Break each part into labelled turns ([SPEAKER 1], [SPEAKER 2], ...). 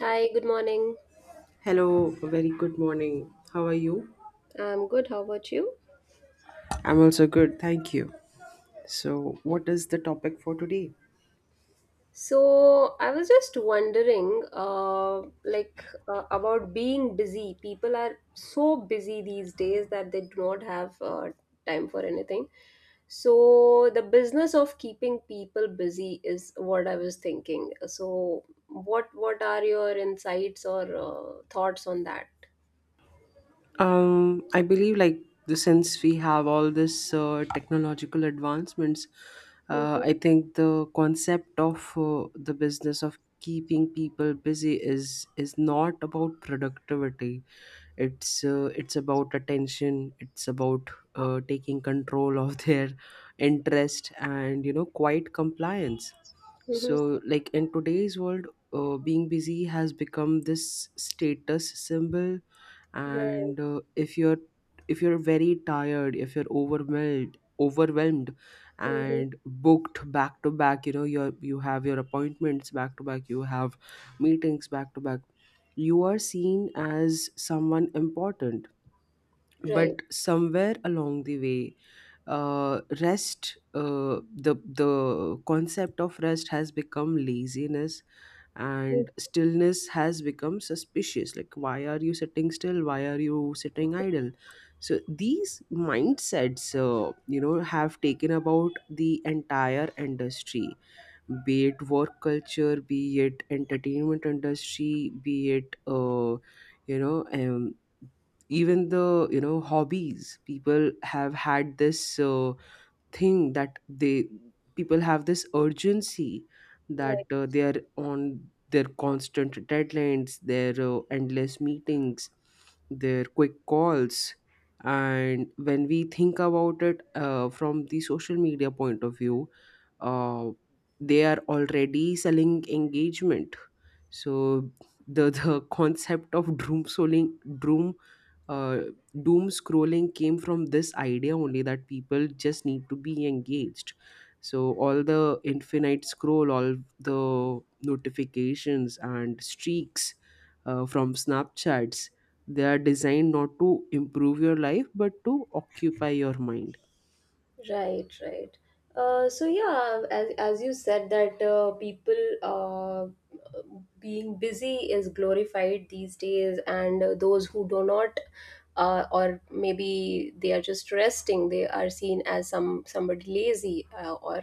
[SPEAKER 1] Hi, good morning.
[SPEAKER 2] Hello, a very good morning. How are you?
[SPEAKER 1] I'm good. How about you?
[SPEAKER 2] I'm also good, thank you. So, what is the topic for today?
[SPEAKER 1] So, I was just wondering, about being busy. People are so busy these days that they do not have time for anything. So, the business of keeping people busy is what I was thinking. So, what are your insights or thoughts on that?
[SPEAKER 2] I believe like the since we have all this technological advancements,
[SPEAKER 1] Mm-hmm,
[SPEAKER 2] I think the concept of the business of keeping people busy is not about productivity. It's about attention. It's about taking control of their interest and quiet compliance.
[SPEAKER 1] mm-hmm,
[SPEAKER 2] So, like in today's world, being busy has become this status symbol,
[SPEAKER 1] right,
[SPEAKER 2] and if you're very tired, if you're overwhelmed
[SPEAKER 1] mm-hmm,
[SPEAKER 2] and booked back to back, you have your appointments back to back, you have meetings back to back, you are seen as someone important. But
[SPEAKER 1] right,
[SPEAKER 2] somewhere along the way, rest the concept of rest has become laziness,
[SPEAKER 1] mm,
[SPEAKER 2] and stillness has become suspicious. Like, why are you sitting still, why are you sitting idle? So these mindsets, have taken about the entire industry, be it work culture, be it entertainment industry, be it you know um, even the hobbies. People have had this thing that they people have this urgency, that
[SPEAKER 1] right.
[SPEAKER 2] they are on their constant deadlines, their endless meetings, their quick calls. And when we think about it, from the social media point of view, uh, they are already selling engagement. So the concept of doom scrolling, doom uh, doom scrolling came from this idea only, that people just need to be engaged. So all the infinite scroll, all the notifications and streaks, from snapchats, they are designed not to improve your life but to occupy your mind.
[SPEAKER 1] Right, right. So yeah, as you said that people, being busy is glorified these days, and those who do not, or maybe they are just resting, they are seen as somebody lazy, or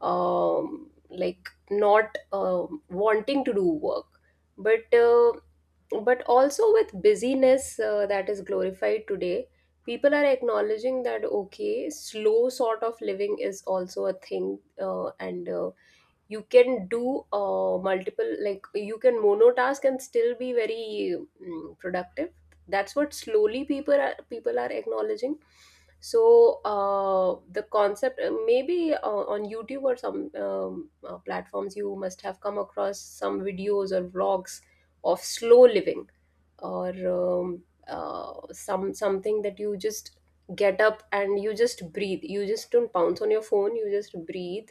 [SPEAKER 1] like not wanting to do work. But also with busyness that is glorified today, people are acknowledging that okay, slow sort of living is also a thing, and you can do, multiple, like you can monotask and still be very, productive. That's what slowly people are acknowledging. So the concept, maybe on youtube or some, platforms, you must have come across some videos or vlogs of slow living, or something that you just get up and you just breathe, you just don't pounce on your phone, you just breathe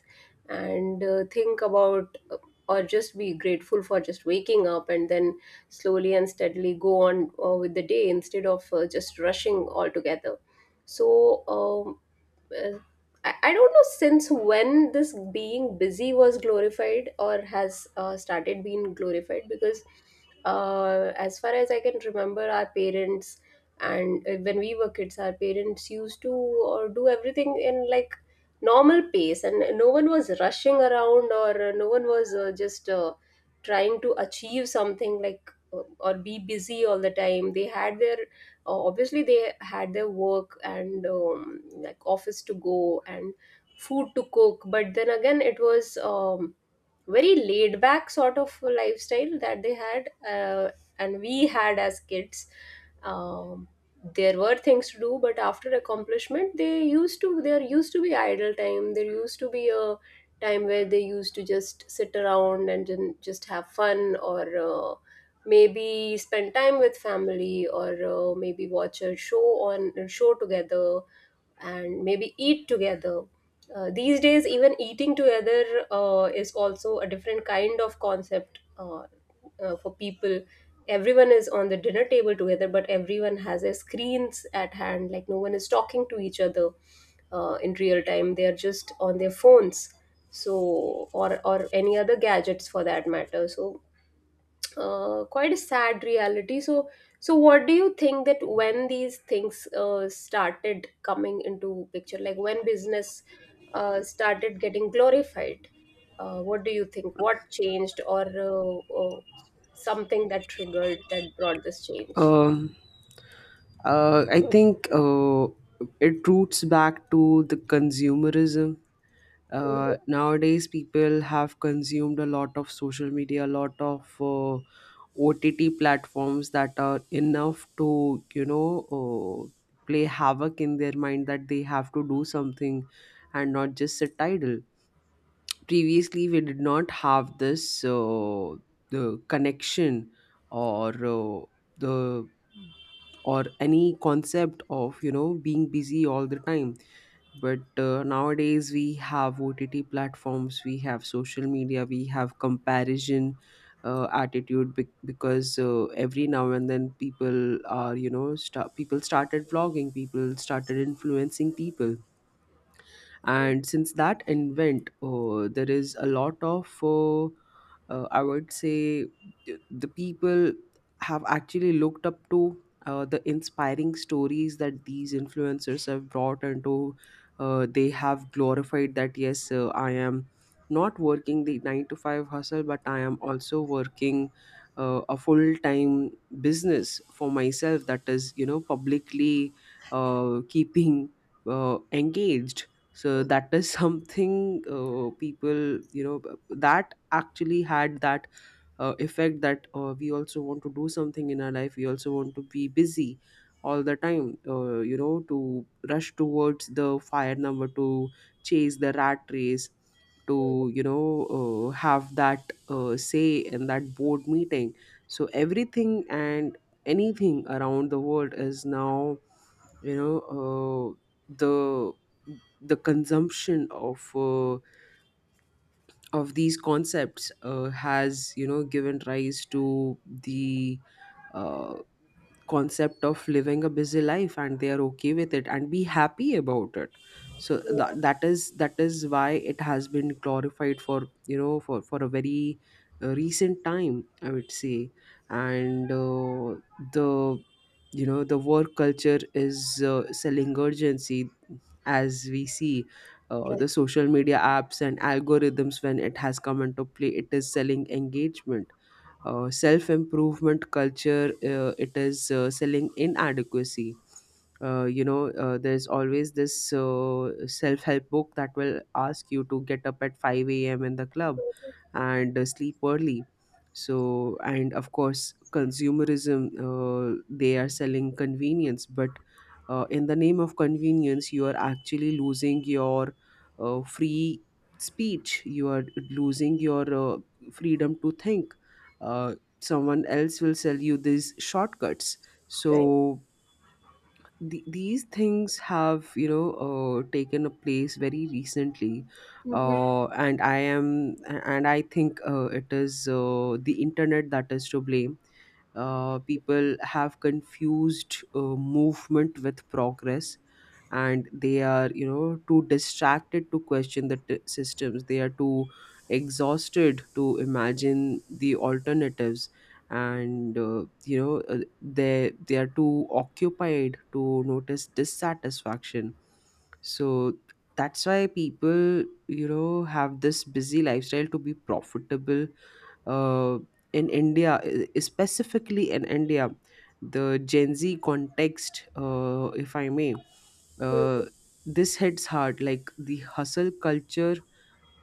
[SPEAKER 1] and think about, or just be grateful for just waking up, and then slowly and steadily go on with the day instead of just rushing altogether. So uh, I don't know since when this being busy was glorified or has started being glorified, because as far as I can remember, our parents, and when we were kids, our parents used to do everything in like normal pace, and no one was rushing around, or no one was just trying to achieve something like, or be busy all the time. They had their, obviously they had their work, and like office to go and food to cook, but then again it was very laid back sort of lifestyle that they had, and we had as kids. um, there were things to do, but after accomplishment, they used to there used to be idle time, there used to be a time where they used to just sit around and then just have fun, or maybe spend time with family, or maybe watch a show on a show together, and maybe eat together. These days, even eating together is also a different kind of concept, for people. Everyone is on the dinner table together, but everyone has their screens at hand. Like no one is talking to each other in real time. They are just on their phones, so or any other gadgets for that matter. So quite a sad reality. So, what do you think that when these things started coming into picture, like when business started getting glorified, what do you think? What changed, or something that triggered, that brought this change?
[SPEAKER 2] um, I think it roots back to the consumerism.
[SPEAKER 1] Mhm.
[SPEAKER 2] Nowadays people have consumed a lot of social media, a lot of OTT platforms that are enough to, play havoc in their mind, that they have to do something and not just sit idle. Previously we did not have this the connection, or uh, the or any concept of being busy all the time. But nowadays we have OTT platforms, we have social media, we have comparison attitude, because every now and then, people are, sta people started vlogging, people started influencing people, and since that invent, there is a lot of I would say, the people have actually looked up to the inspiring stories that these influencers have brought into. They have glorified that, yes, I am not working the 9 to 5 hustle, but I am also working a full time business for myself, that is, publicly keeping engaged. So
[SPEAKER 1] Mhm.
[SPEAKER 2] that is something, people, that actually had that effect, that we also want to do something in our life, we also want to be busy all the time, to rush towards the fire number, to chase the rat race, to have that say in that board meeting. So everything and anything around the world is now, you know uh, the the consumption of these concepts has, given rise to the uh, concept of living a busy life, and they are okay with it and be happy about it. So that is why it has been glorified for, for a very recent time, I would say. And the the work culture is selling urgency, as we see.
[SPEAKER 1] Yeah, right.
[SPEAKER 2] The social media apps and algorithms, when it has come into play, it is selling engagement. Self improvement culture, it is selling inadequacy. There's always this self help book that will ask you to get up at 5 a.m. in the club and sleep early. So, and of course consumerism, they are selling convenience, but in the name of convenience, you are actually losing your free speech, you are losing your freedom to think. uh, Someone else will sell you these shortcuts.
[SPEAKER 1] Right.
[SPEAKER 2] So these things have, taken a place very recently.
[SPEAKER 1] Mhm.
[SPEAKER 2] And I am and I think it is the internet that is to blame. People have confused movement with progress, and they are, too distracted to question the systems. They are too exhausted to imagine the alternatives, and they are too occupied to notice dissatisfaction. So that's why people, have this busy lifestyle to be profitable. uh, in India, specifically in India, the Gen Z context, if I may. uh,
[SPEAKER 1] Mhm.
[SPEAKER 2] this hits hard, like the hustle culture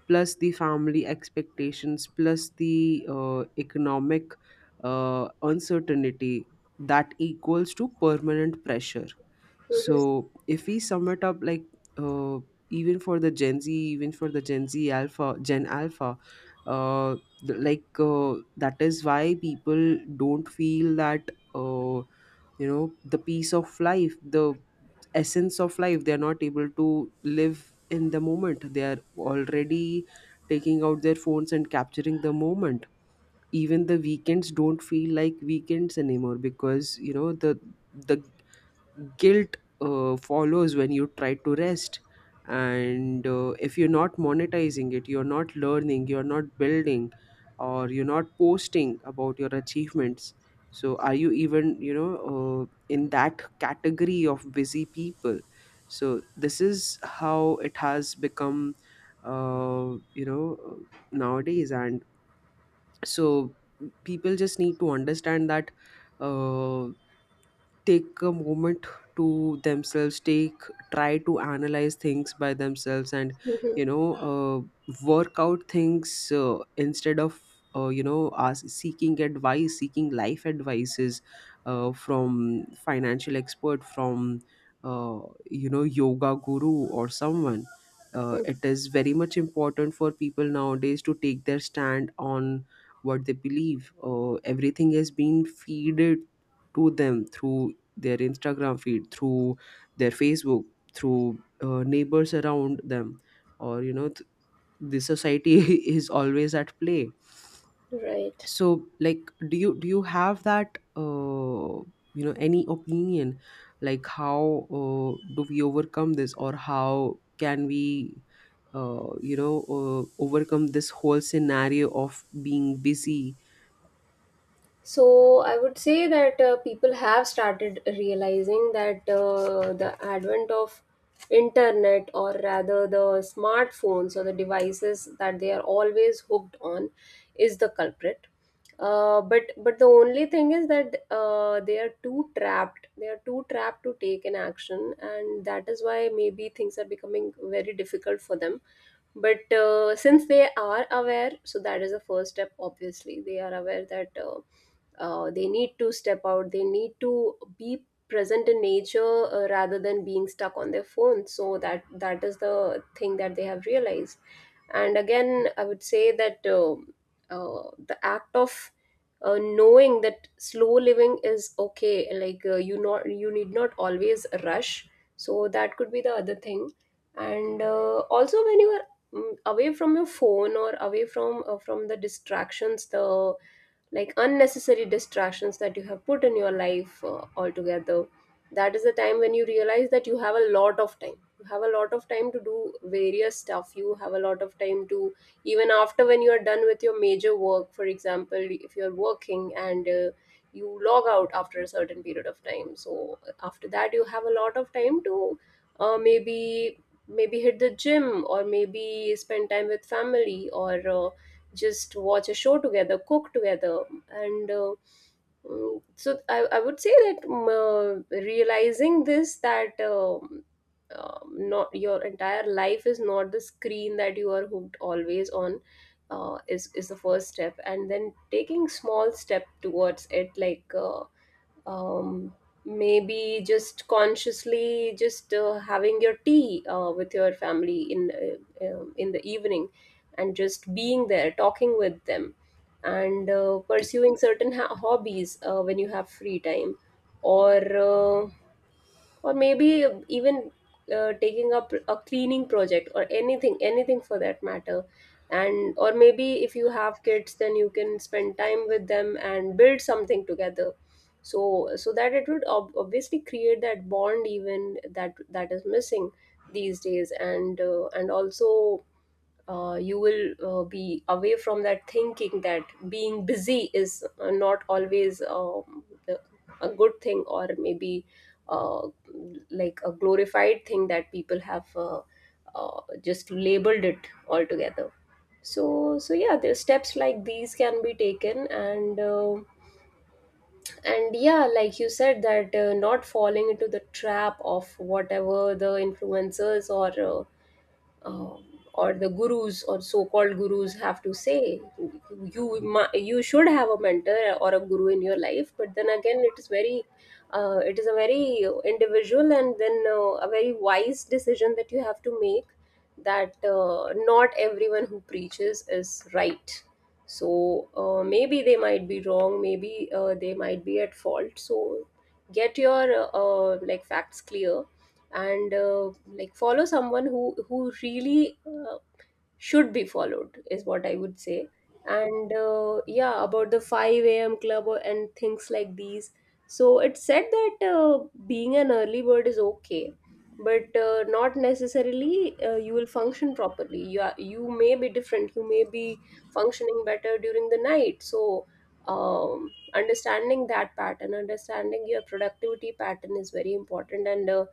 [SPEAKER 2] plus the family expectations plus the economic uncertainty, that equals to permanent pressure.
[SPEAKER 1] Mhm.
[SPEAKER 2] So if we sum it up, like, uh, even for the Gen Z, even for the Gen Alpha, uh, like, that is why people don't feel that, uh the peace of life, the essence of life, they are not able to live in the moment, they are already taking out their phones and capturing the moment. Even the weekends don't feel like weekends anymore, because, the guilt follows when you try to rest. And if you're not monetizing it, you're not learning, you're not building, or you're not posting about your achievements. So are you even, in that category of busy people? So this is how it has become, uh, you know nowadays. And so, people just need to understand that, uh, take a moment to themselves, take try to analyze things by themselves, and,
[SPEAKER 1] Mhm.
[SPEAKER 2] work out things instead of, seeking advice, seeking life advices from financial expert, from uh, yoga guru or someone.
[SPEAKER 1] Mhm.
[SPEAKER 2] It is very much important for people nowadays to take their stand on what they believe. Everything has been feeded to them through their Instagram feed, through their Facebook, through neighbors around them, or the society is always at play.
[SPEAKER 1] Right.
[SPEAKER 2] So, like, do you have that, any opinion, like how do we overcome this, or how can we uh, you know overcome this whole scenario of being busy?
[SPEAKER 1] So I would say that people have started realizing that the advent of internet, or rather the smartphones or the devices that they are always hooked on, is the culprit. But the only thing is that they are too trapped. They are too trapped to take an action, and that is why maybe things are becoming very difficult for them. But since they are aware, so that is the first step. Obviously, they are aware that. They need to step out, they need to be present in nature rather than being stuck on their phone. So that is the thing that they have realized. And again, I would say that, the act of, knowing that slow living is okay, like you need not always rush, so that could be the other thing. And also, when you are away from your phone, or away from the distractions, the like unnecessary distractions that you have put in your life altogether, that is the time when you realize that you have a lot of time, you have a lot of time to do various stuff, you have a lot of time to, even after when you are done with your major work, for example, if you are working and you log out after a certain period of time, so after that you have a lot of time to, maybe, maybe hit the gym, or maybe spend time with family, or just watch a show together, cook together. And so I would say that, realizing this, that not your entire life is not the screen that you are hooked always on. Is the first step, and then taking small step towards it, like um, maybe just consciously just having your tea with your family in, in the evening, and just being there, talking with them, and pursuing certain hobbies when you have free time, or uh, or maybe even taking up a cleaning project, or anything for that matter. And or maybe if you have kids, then you can spend time with them and build something together, so so that it would obviously create that bond, even that is missing these days. And and also you will be away from that thinking that being busy is not always, a good thing, or maybe uh, like a glorified thing that people have, just labeled it altogether. So so yeah, there's steps like these can be taken. And and yeah, like you said that not falling into the trap of whatever the influencers or, um, or the gurus or so-called gurus have to say. You you should have a mentor or a guru in your life, but then again it is very, it is a very individual, and then a very wise decision that you have to make, that not everyone who preaches is right. So maybe they might be wrong, maybe they might be at fault, so get your like facts clear, and like follow someone who really should be followed, is what I would say. And yeah, about the 5 a.m. club, or- and things like these. So it said that being an early bird is okay, but not necessarily you will function properly. You are, you may be different, you may be functioning better during the night. So understanding that pattern, understanding your productivity pattern is very important. And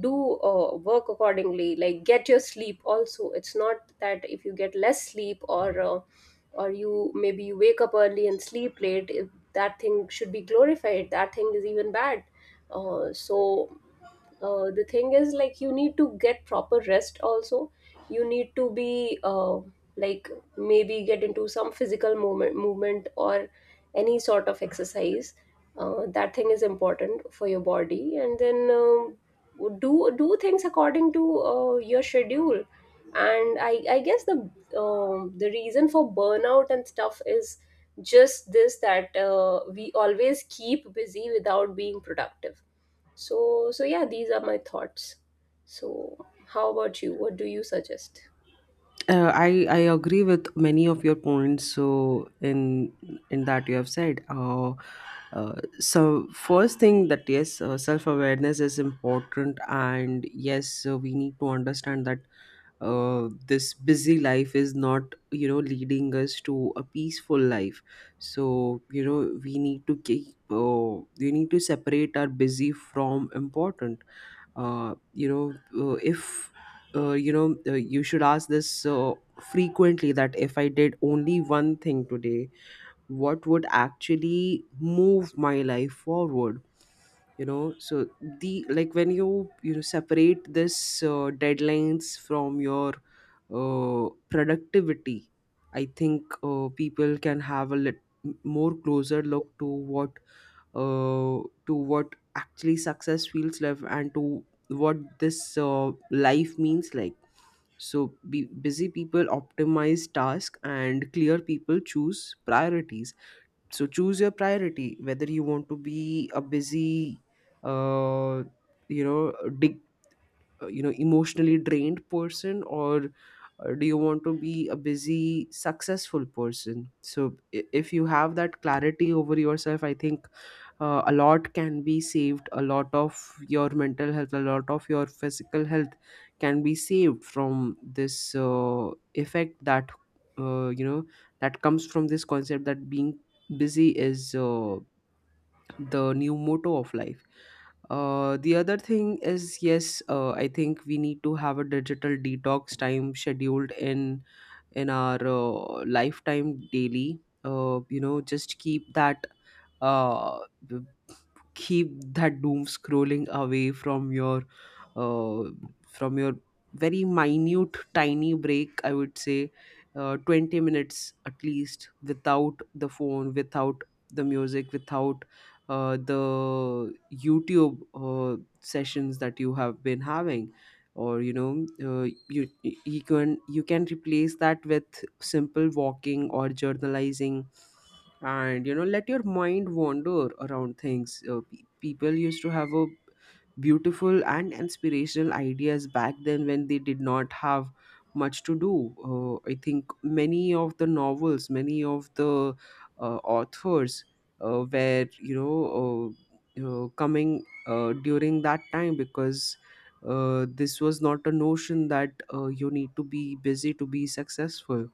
[SPEAKER 1] do work accordingly, like get your sleep also. It's not that if you get less sleep, or you, maybe you wake up early and sleep late, if that thing should be glorified, that thing is even bad. uh, so the thing is, like, you need to get proper rest also. You need to be like, maybe get into some physical movement, or any sort of exercise. That thing is important for your body, and then do, do things according to your schedule. And I guess the, the reason for burnout and stuff is just this, that we always keep busy without being productive. So, so yeah, these are my thoughts. So, how about you? What do you suggest?
[SPEAKER 2] I agree with many of your points. So in that you have said, first thing, that yes, self awareness is important, and yes, we need to understand that this busy life is not, leading us to a peaceful life. So, we need to keep we need to separate our busy from important. uh, you know, if you should ask this frequently, that if I did only one thing today, what would actually move my life forward, so the like, when you know separate this deadlines from your productivity, I think people can have a more closer look what uh, to what actually success feels like, and to what this life means, like. So busy people optimize task, and clear people choose priorities. So choose your priority, whether you want to be a busy, uh, you know dig emotionally drained person, or do you want to be a busy successful person? So if you have that clarity over yourself, I think a lot can be saved, a lot of your mental health, a lot of your physical health can be saved from this effect that, uh, you know that comes from this concept that being busy is the new motto of life. The other thing is, yes, I think we need to have a digital detox time scheduled in our lifetime daily. Just keep that, uh, b- keep that doom scrolling away from uh, your very minute tiny break, I would say, 20 minutes at least, without the phone, without the music, without the YouTube sessions that you have been having, or, you can replace that with simple walking or journalizing. And, let your mind wander around things. People used to have a beautiful and inspirational ideas back then, when they did not have much to do. I think many of the novels, many of the authors were, coming during that time, because this was not a notion that you need to be busy to be successful.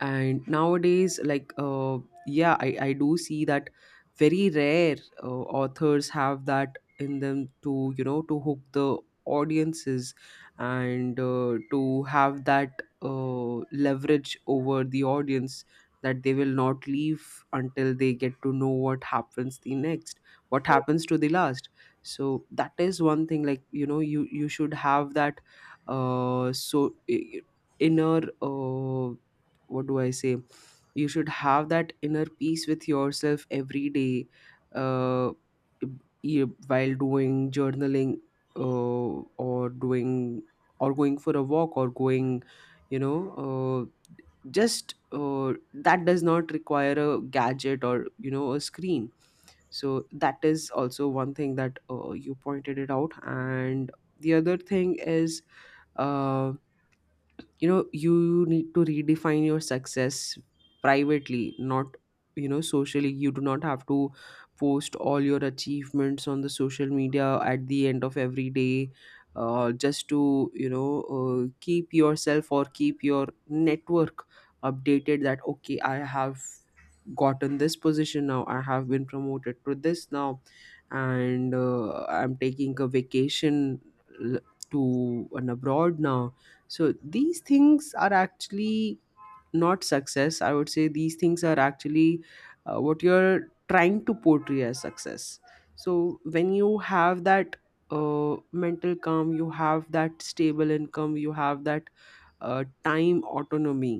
[SPEAKER 2] And nowadays, like, yeah, I do see that very rare uh, authors have that in them to You know, to hook the audiences and to have that leverage over the audience that they will not leave until they get to know what happens the next, what happens to the last. So that is one thing, like, you know, you should have that. uh so i- i- Inner what do I say? You should have that inner peace with yourself every day, uh, while doing journaling, uh, or doing, or going for a walk or going, you know, just that does not require a gadget or, you know, a screen. So that is also one thing that you pointed it out. And the other thing is, uh, you know, you need to redefine your success privately, not, you know, socially. You do not have to post all your achievements on the social media at the end of every day just to, you know, keep yourself or keep your network updated that, okay, I have gotten this position now, I have been promoted to this now, and I'm taking a vacation l- to an abroad now. So these things are actually not success, I would say. These things are actually what you're trying to portray as success. So when you have that mental calm, you have that stable income, you have that time autonomy,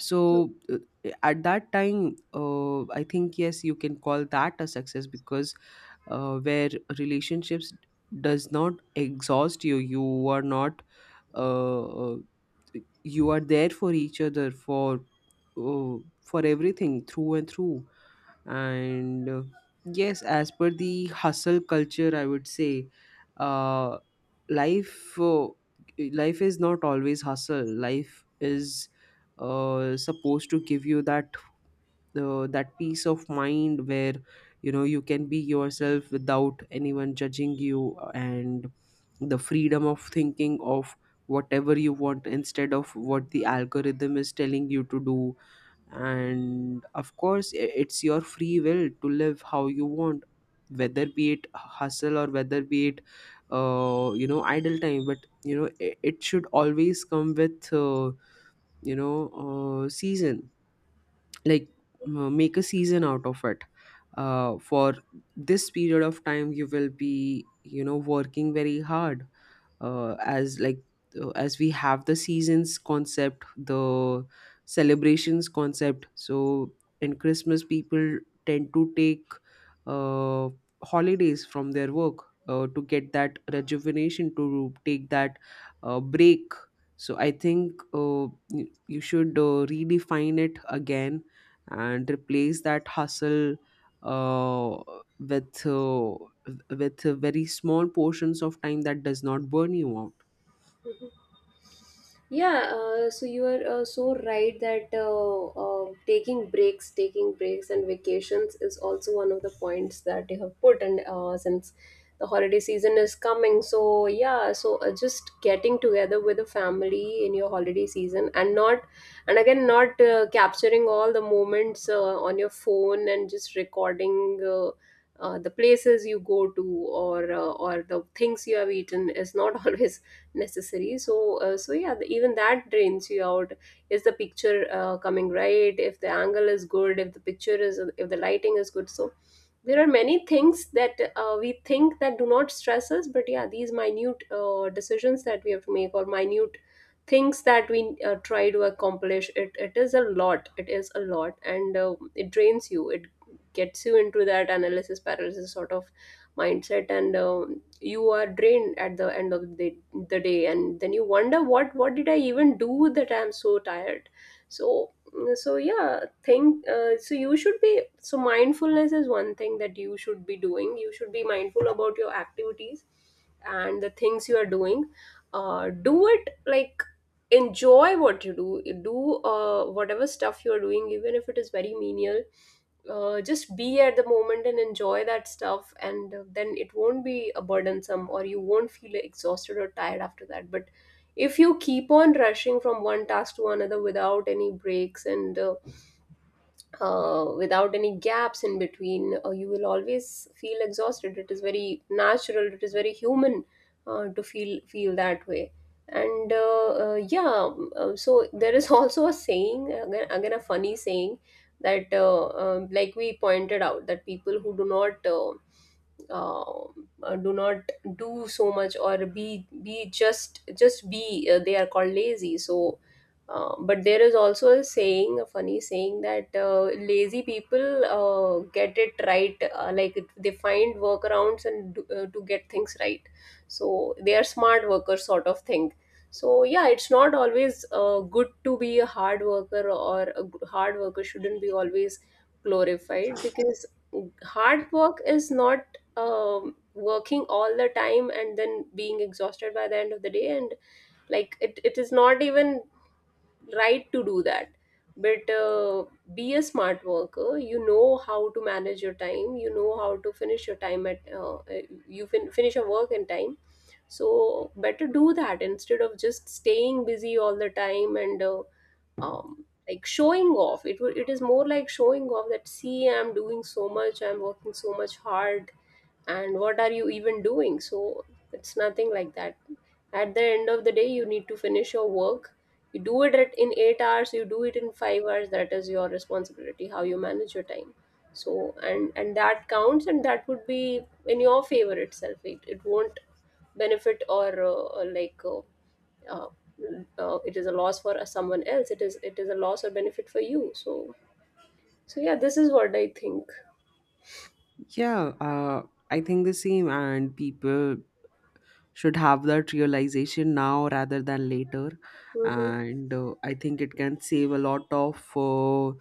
[SPEAKER 2] so at that time, I think, yes, you can call that a success because where relationships does not exhaust you, you are not uh, uh, you are there for each other uh, for everything through and through. And yes, as per the hustle culture, I would say uh life, life is not always hustle. Life is supposed to give you that that peace of mind where, you know, you can be yourself without anyone judging you, and the freedom of thinking of whatever you want instead of what the algorithm is telling you to do. And of course, it's your free will to live how you want, whether be it hustle or whether be it you know, idle time. But, you know, it should always come with you know, season, like, make a season out of it. For this period of time, you will be, you know, working very hard, uh, as like as we have the seasons concept, the celebrations concept. So in Christmas, people tend to take uh, holidays from their work to get that rejuvenation, to take that break. So I think, you should, redefine it again and replace that hustle uh, with, with very small portions of time that does not burn you out.
[SPEAKER 1] Mhm. Yeah, so you are so right that, taking breaks and vacations is also one of the points that you have put. And since the holiday season is coming, so yeah, so just getting together with the family in your holiday season, and not, and again, not capturing all the moments on your phone and just recording. The places you go to or the things you have eaten is not always necessary, so even that drains you out. Is the picture coming right, if the angle is good, if the picture is, if the lighting is good? So there are many things that we think that do not stress us, but yeah, these minute decisions that we have to make or minute things that we try to accomplish, it is a lot, it is a lot, and it drains you. It gets you into that analysis paralysis sort of mindset, and you are drained at the end of the day, and then you wonder what did I even do that I'm so tired. so so yeah think uh, so you should be so mindfulness is one thing that you should be doing. You should be mindful about your activities and the things you are doing. Do it like, enjoy what you do. Do whatever stuff you are doing, even if it is very menial. Just be at the moment and enjoy that stuff, and then it won't be a burdensome, or you won't feel exhausted or tired after that. But if you keep on rushing from one task to another without any breaks, and without any gaps in between, you will always feel exhausted. It is very natural, it is very human to feel that way. And uh, uh, yeah um, uh, so there is also a saying, again, a funny saying that like we pointed out, that people who do not uh, do not do so much, or be just be, they are called lazy. So but there is also a saying, a funny saying, that lazy people get it right, like they find workarounds and do, to get things right. So they are smart workers, sort of thing. So yeah, it's not always good to be a hard worker, or a hard worker shouldn't be always glorified, because hard work is not working all the time and then being exhausted by the end of the day. And like it is not even right to do that. But be a smart worker. You know how to manage your time, you know how to finish your time at you finish your work in time. So better do that instead of just staying busy all the time. And like showing off, it is more like showing off that see, I'm doing so much, I'm working so much hard, and what are you even doing? So it's nothing like that. At the end of the day, you need to finish your work. You do it in 8 hours, you do it in 5 hours. That is your responsibility, how you manage your time. So and that counts, and that would be in your favor itself. It won't benefit, or like uh, it is a loss for someone else. It is a loss or benefit for you. So so yeah, this is what I think.
[SPEAKER 2] Yeah, I think the same. And people should have that realization now rather than later.
[SPEAKER 1] Hmm.
[SPEAKER 2] And I think it can save a lot of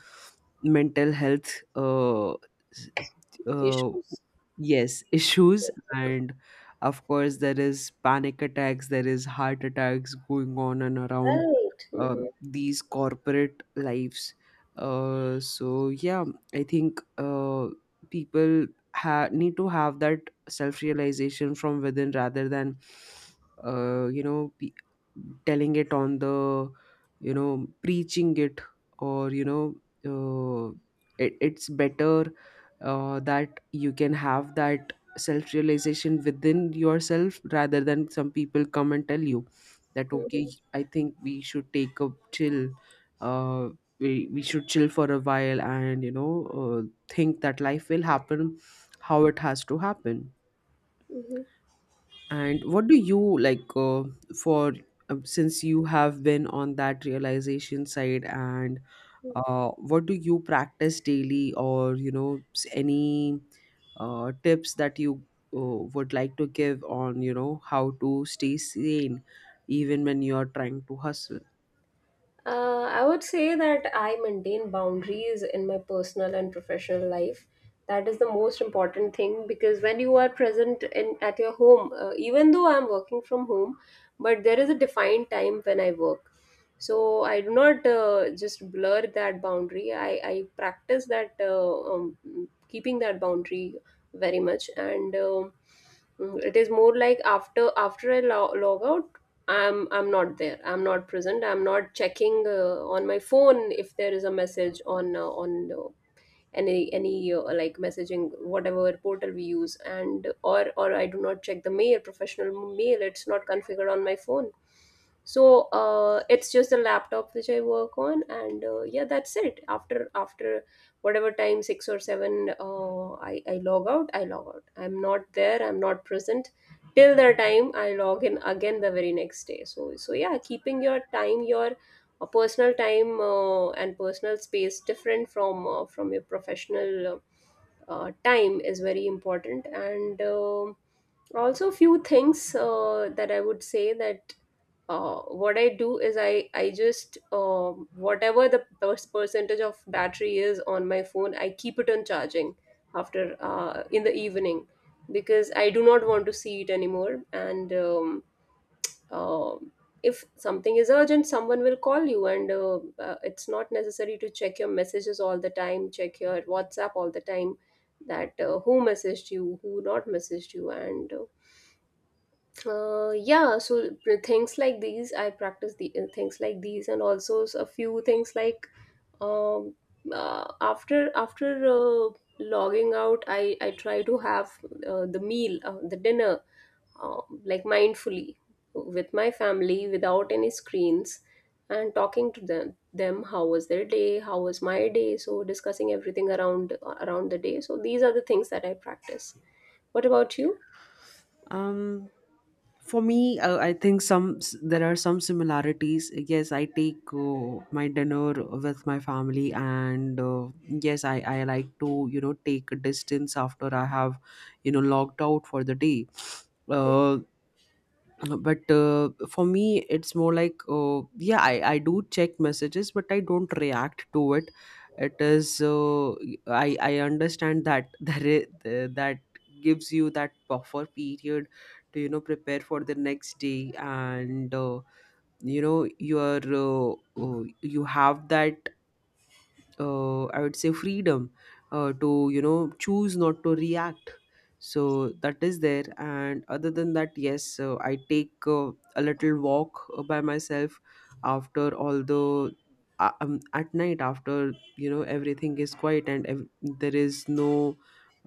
[SPEAKER 2] mental health s- uh,
[SPEAKER 1] Issues.
[SPEAKER 2] yes, issues. And of course, there is panic attacks, there is heart attacks going on and around
[SPEAKER 1] Right. Hmm.
[SPEAKER 2] these corporate lives. So yeah, I think, people need to have that self realization from within rather than uh, you know pe- telling it on the, you know, preaching it, or, you know, uh, it's better, that you can have that self realization within yourself rather than some people come and tell you that, okay, I think we should take a chill, uh, we should chill for a while and, you know, uh, think that life will happen how it has to happen.
[SPEAKER 1] Hmm.
[SPEAKER 2] And what do you like, for, since you have been on that realization side, and what do you practice daily or, you know, any tips that you uh, would like to give on, you know, how to stay sane even when you're trying to hustle?
[SPEAKER 1] I would say that I maintain boundaries in my personal and professional life. That is the most important thing, because when you are present in at your home, even though I'm working from home, but there is a defined time when I work. So I do not just blur that boundary. I practice that um, keeping that boundary very much and. Mm, it is more like after after I log out, I'm not there, I'm not present, I'm not checking on my phone if there is a message on any like messaging, whatever portal we use, and or I do not check the mail, professional mail. It's not configured on my phone, so it's just the laptop which I work on. And yeah, that's it. After after whatever time, 6 or 7, I log out, I log out, I'm not there, I'm not present till the time I log in again the very next day. So so yeah, keeping your time, your a personal time and personal space different from your professional time is very important. And also few things that I would say, that what I do is I just whatever the percentage of battery is on my phone, I keep it on charging after, in the evening, because I do not want to see it anymore. And uh, if something is urgent, someone will call you. And it's not necessary to check your messages all the time, check your WhatsApp all the time, that who messaged you, who not messaged you, and yeah. So things like these I practice, the things like these. And also a few things like um, after after logging out, I try to have the meal, the dinner, like mindfully with my family without any screens, and talking to them how was their day, how was my day. So discussing everything around the day. So these are the things that I practice. What about you?
[SPEAKER 2] Um, for me, I think there are some similarities. Yes, I take my dinner with my family, and yes, I like to, you know, take a distance after I have, you know, logged out for the day. Uh, but for me it's more like, yeah, I do check messages, but I don't react to it. It is, uh, I understand that there is, that gives you that buffer period to, you know, prepare for the next day. And you know, you are you have that I would say freedom to, you know, choose not to react. So that is there. And other than that, yes, I take a little walk by myself, after all the at night, after, you know, everything is quiet and there is no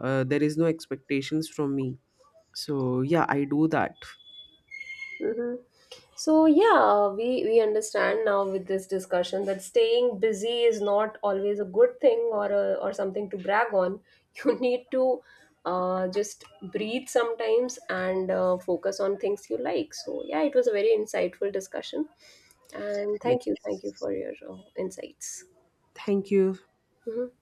[SPEAKER 2] there is no expectations from me. So yeah, I do that.
[SPEAKER 1] Hmm. So yeah, we understand now with this discussion that staying busy is not always a good thing, or a, or something to brag on. You need to just breathe sometimes, and focus on things you like. So yeah, it was a very insightful discussion, and
[SPEAKER 2] Yes,
[SPEAKER 1] thank you for your insights.
[SPEAKER 2] thank you.
[SPEAKER 1] Mhm.